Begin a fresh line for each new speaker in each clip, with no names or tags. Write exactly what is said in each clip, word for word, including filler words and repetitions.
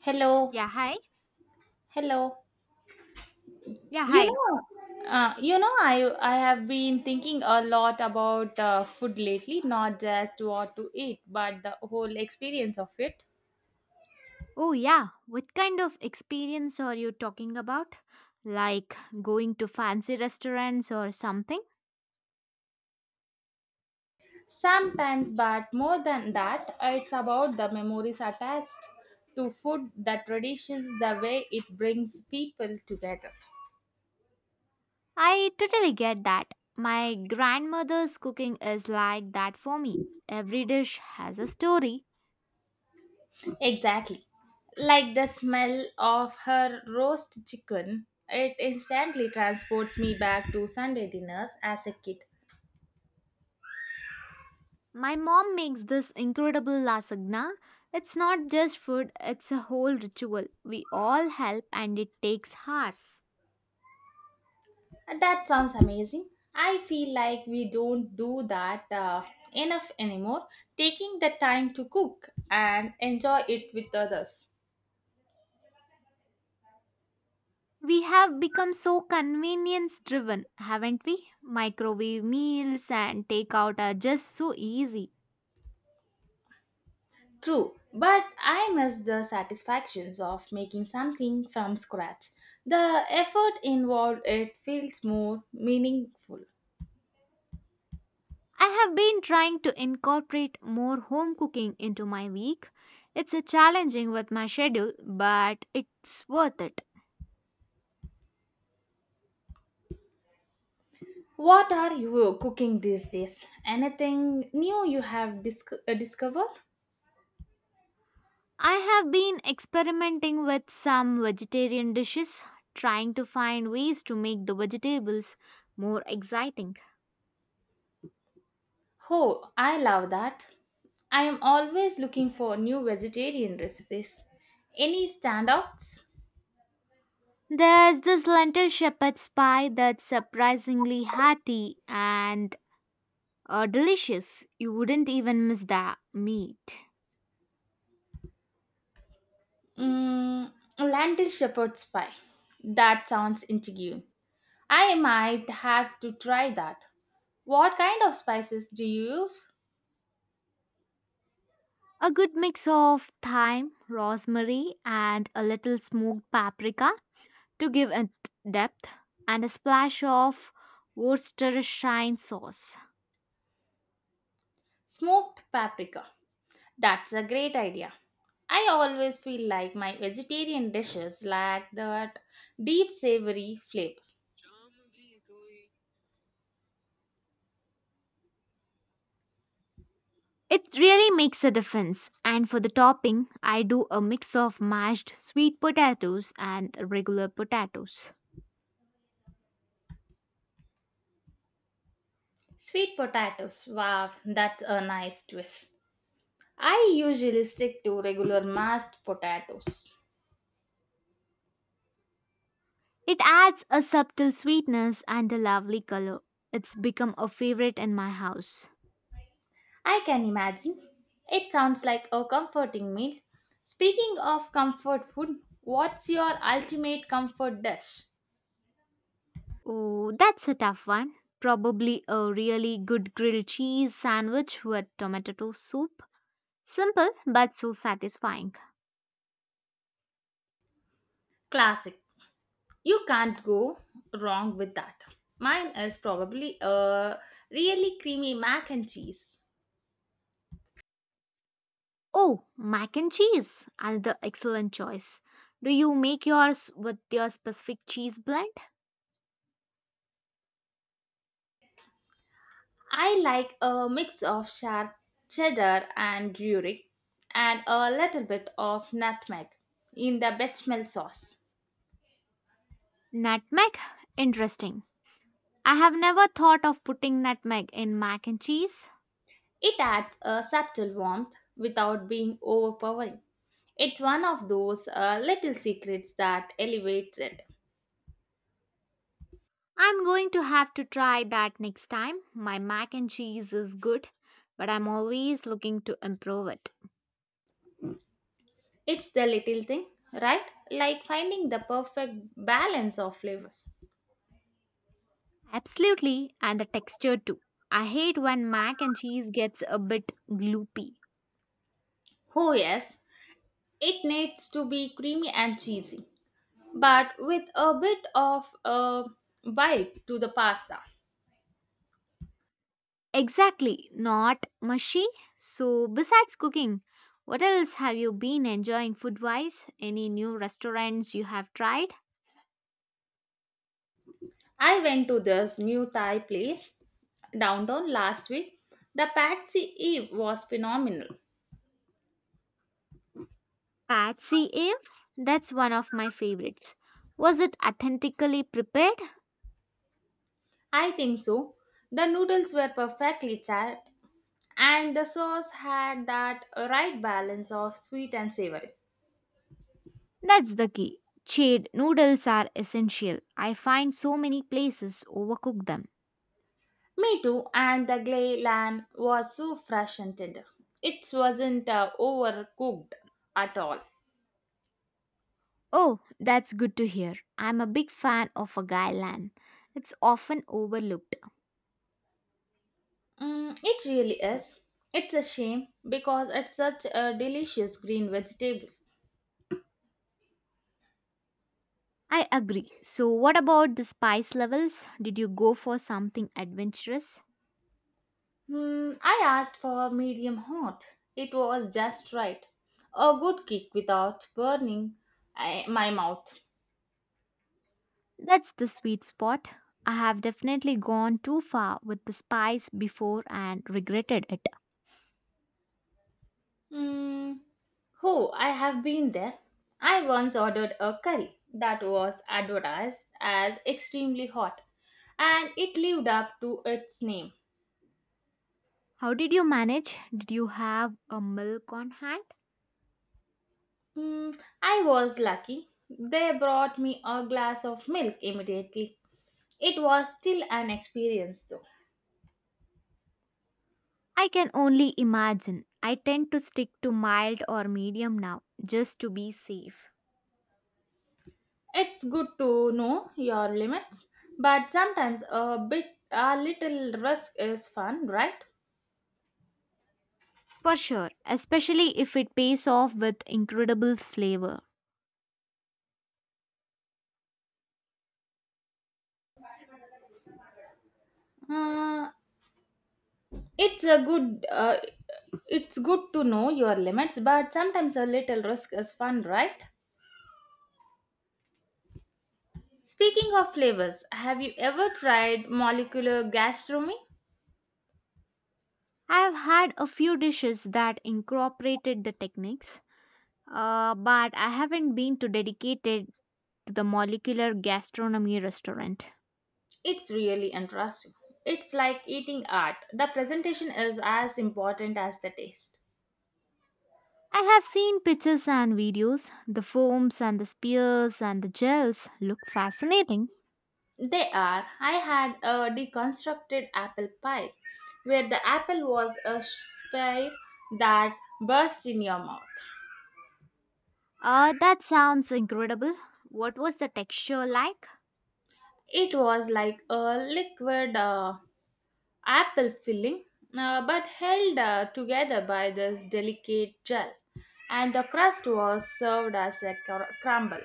Hello,
Yeah, hi.
hello.
Yeah,
You
hi.
know, uh, you know, I I have been thinking a lot about uh, food lately, not just what to eat, but the whole experience of it.
Oh, yeah. What kind of experience are you talking about? Like going to fancy restaurants or something?
Sometimes, but more than that, it's about the memories attached to food, the traditions, the way it brings people together.
I totally get that. My grandmother's cooking is like that for me. Every dish has a story.
Exactly, like the smell of her roast chicken. It instantly transports me back to Sunday dinners as a kid.
My mom makes this incredible lasagna. It's not just food, it's a whole ritual. We all help and it takes hours.
Uh, That sounds amazing. I feel like we don't do that uh, enough anymore, taking the time to cook and enjoy it with others.
We have become so convenience driven, haven't we? Microwave meals and takeout are just so easy.
True, but I miss the satisfactions of making something from scratch. The effort involved it feels more meaningful.
I have been trying to incorporate more home cooking into my week. It's a challenging with my schedule, but it's worth it.
What are you cooking these days? Anything new you have disco- uh, discovered?
I have been experimenting with some vegetarian dishes, trying to find ways to make the vegetables more exciting.
Oh, I love that. I am always looking for new vegetarian recipes. Any standouts?
There's this lentil shepherd's pie that's surprisingly hearty and Uh, delicious. You wouldn't even miss the meat.
Mm, lentil shepherd's pie. That sounds intriguing. I might have to try that. What kind of spices do you use?
A good mix of thyme, rosemary, and a little smoked paprika to give it depth, and a splash of Worcestershire sauce.
Smoked paprika. That's a great idea. I always feel like my vegetarian dishes lack that deep savory flavor.
It really makes a difference. And for the topping, I do a mix of mashed sweet potatoes and regular potatoes.
Sweet potatoes. Wow, that's a nice twist. I usually stick to regular mashed potatoes.
It adds a subtle sweetness and a lovely color. It's become a favorite in my house.
I can imagine. It sounds like a comforting meal. Speaking of comfort food, what's your ultimate comfort dish?
Oh, that's a tough one. Probably a really good grilled cheese sandwich with tomato soup. Simple but so satisfying.
Classic. You can't go wrong with that. Mine is probably a really creamy mac and cheese.
Oh, mac and cheese, another excellent choice. Do you make yours with your specific cheese blend?
I like a mix of sharp cheddar and gruyere and a little bit of nutmeg in the bechamel sauce.
Nutmeg? Interesting. I have never thought of putting nutmeg in mac and cheese.
It adds a subtle warmth without being overpowering. It's one of those uh, little secrets that elevates it.
I'm going to have to try that next time. My mac and cheese is good, but I'm always looking to improve it.
It's the little thing, right? Like finding the perfect balance of flavors.
Absolutely, and the texture too. I hate when mac and cheese gets a bit gloopy.
Oh, yes, it needs to be creamy and cheesy, but with a bit of a bite to the pasta.
Exactly, not mushy. So, besides cooking, what else have you been enjoying food wise? Any new restaurants you have tried?
I went to this new Thai place downtown last week. The Patsy Eve was phenomenal.
Patsy Eve? That's one of my favorites. Was it authentically prepared?
I think so. The noodles were perfectly charred, and the sauce had that right balance of sweet and savory.
That's the key. Chade noodles are essential. I find so many places overcook them.
Me too, and the glay lamb was so fresh and tender. It wasn't uh, overcooked at all.
Oh, that's good to hear. I'm a big fan of a Gailan. It's often overlooked.
Mm, it really is. It's a shame because it's such a delicious green vegetable.
I agree. So, what about the spice levels? Did you go for something adventurous?
Hmm, I asked for medium hot. It was just right. A good kick without burning I, my mouth.
That's the sweet spot. I have definitely gone too far with the spice before and regretted it.
Mm, oh, I have been there. I once ordered a curry that was advertised as extremely hot and it lived up to its name.
How did you manage? Did you have a milk on hand?
Mm, I was lucky. They brought me a glass of milk immediately. It was still an experience though.
I can only imagine. I tend to stick to mild or medium now, just to be safe.
It's good to know your limits, but sometimes a bit a little risk is fun, right?
For sure, especially if it pays off with incredible flavor.
Uh, it's a good uh, it's good to know your limits, but sometimes a little risk is fun, right? Speaking of flavors, have you ever tried molecular gastronomy?
I have had a few dishes that incorporated the techniques, uh, but I haven't been to dedicated to the molecular gastronomy restaurant.
It's really interesting. It's like eating art. The presentation is as important as the taste.
I have seen pictures and videos. The foams and the spears and the gels look fascinating.
They are. I had a deconstructed apple pie where the apple was a sphere that burst in your mouth.
Uh, that sounds incredible. What was the texture like?
It was like a liquid uh, apple filling, uh, but held uh, together by this delicate gel, and the crust was served as a cr- crumble.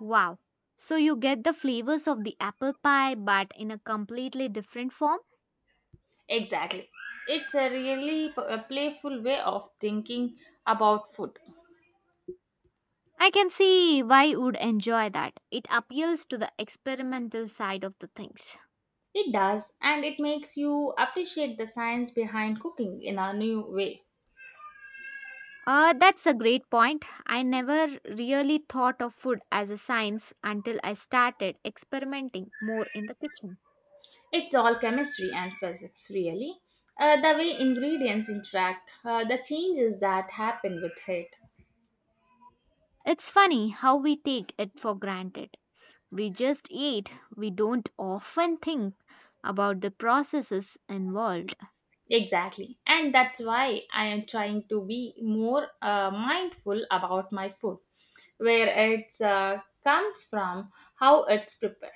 Wow. So you get the flavors of the apple pie but in a completely different form?
Exactly. It's a really p- a playful way of thinking about food.
I can see why would enjoy that. It appeals to the experimental side of the things.
It does, and it makes you appreciate the science behind cooking in a new way.
Uh, that's a great point. I never really thought of food as a science until I started experimenting more in the kitchen.
It's all chemistry and physics, really. Uh, the way ingredients interact, uh, the changes that happen with it.
It's funny how we take it for granted. We just eat, we don't often think about the processes involved.
Exactly. And that's why I am trying to be more uh, mindful about my food, where it uh, comes from, how it's prepared.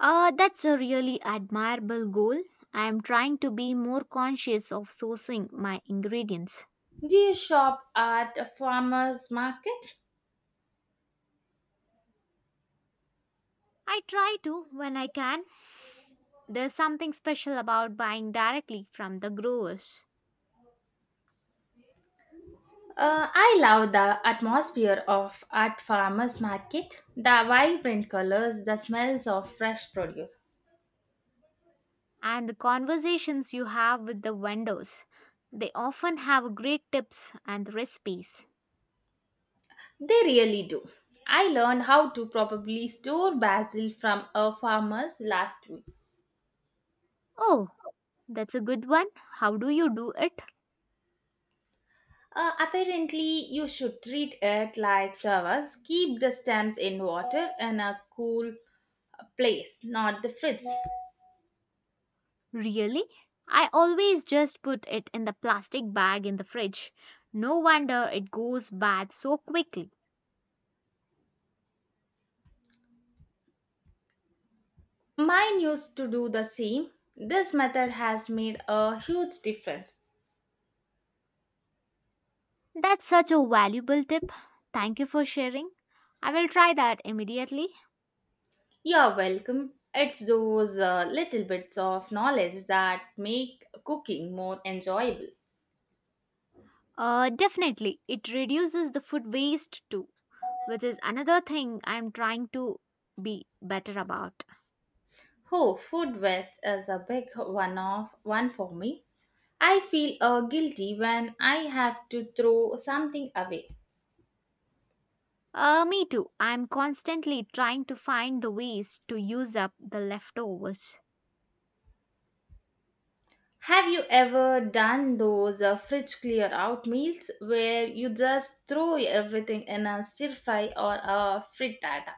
Uh, that's a really admirable goal. I am trying to be more conscious of sourcing my ingredients.
Do you shop at a farmer's market?
I try to when I can. There's something special about buying directly from the growers
Uh, I love the atmosphere of at farmer's market, the vibrant colors, the smells of fresh produce.
and the conversations you have with the vendors. They often have great tips and recipes.
They really do. I learned how to probably store basil from a farmer's last week.
Oh, that's a good one. How do you do it?
Uh, apparently, you should treat it like flowers. Keep the stems in water in a cool place, not the fridge.
Really? I always just put it in the plastic bag in the fridge. No wonder it goes bad so quickly.
Mine used to do the same. This method has made a huge difference.
That's such a valuable tip. Thank you for sharing. I will try that immediately.
You're welcome. It's those uh, little bits of knowledge that make cooking more enjoyable.
Uh, definitely, it reduces the food waste too, which is another thing I'm trying to be better about.
Oh, food waste is a big one of one for me. I feel uh, guilty when I have to throw something away.
Uh, me too. I'm constantly trying to find the ways to use up the leftovers.
Have you ever done those uh, fridge clear out meals where you just throw everything in a stir fry or a frittata?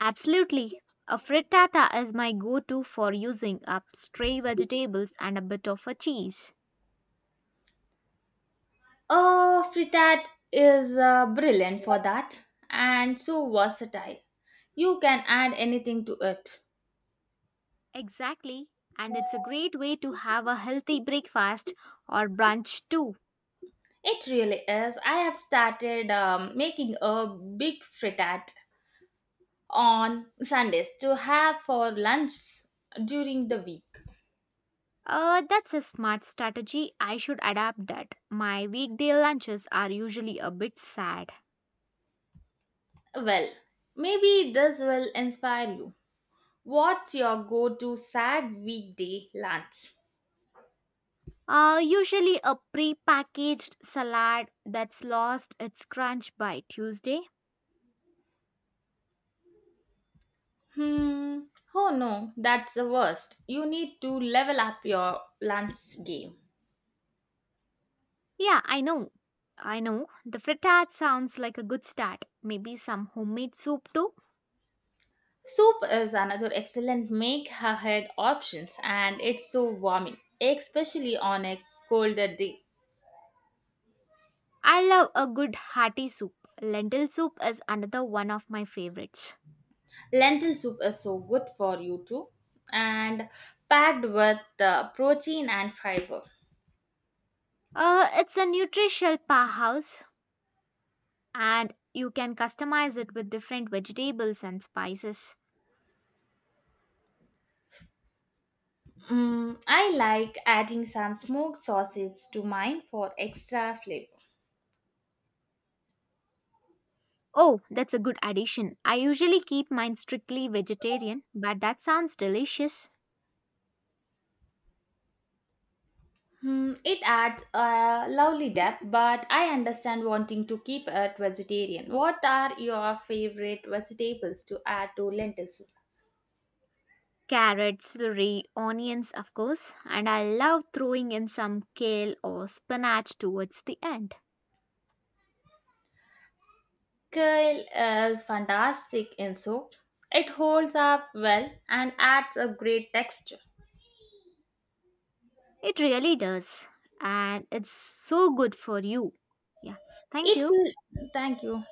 Absolutely. A frittata is my go to for using up stray vegetables and a bit of a cheese.
A frittata is uh, brilliant for that and so versatile. You can add anything to it.
Exactly. And it's a great way to have a healthy breakfast or brunch too.
It really is. I have started um, making a big frittata on Sundays to have for lunch during the week.
Uh, that's a smart strategy. I should adapt that. My weekday lunches are usually a bit sad.
Well, maybe this will inspire you. What's your go to sad weekday lunch?
Uh, usually a pre-packaged salad that's lost its crunch by Tuesday.
Hmm. Oh no, that's the worst. You need to level up your lunch game.
Yeah, I know. I know. The frittata sounds like a good start. Maybe some homemade soup too.
Soup is another excellent make ahead options and it's so warming, especially on a colder day.
I love a good hearty soup. Lentil soup is another one of my favorites.
Lentil soup is so good for you too and packed with the protein and fiber.
Uh, it's a nutritional powerhouse, and you can customize it with different vegetables and spices.
Mm, I like adding some smoked sausage to mine for extra flavor.
Oh, that's a good addition. I usually keep mine strictly vegetarian, but that sounds delicious.
Hmm, it adds a lovely depth, but I understand wanting to keep it vegetarian. What are your favorite vegetables to add to lentil soup?
Carrots, celery, onions, of course, and I love throwing in some kale or spinach towards the end.
Kale is fantastic in soup. It holds up well and adds a great texture.
It really does, and it's so good for you. Yeah, thank
It
you.
will. Thank you.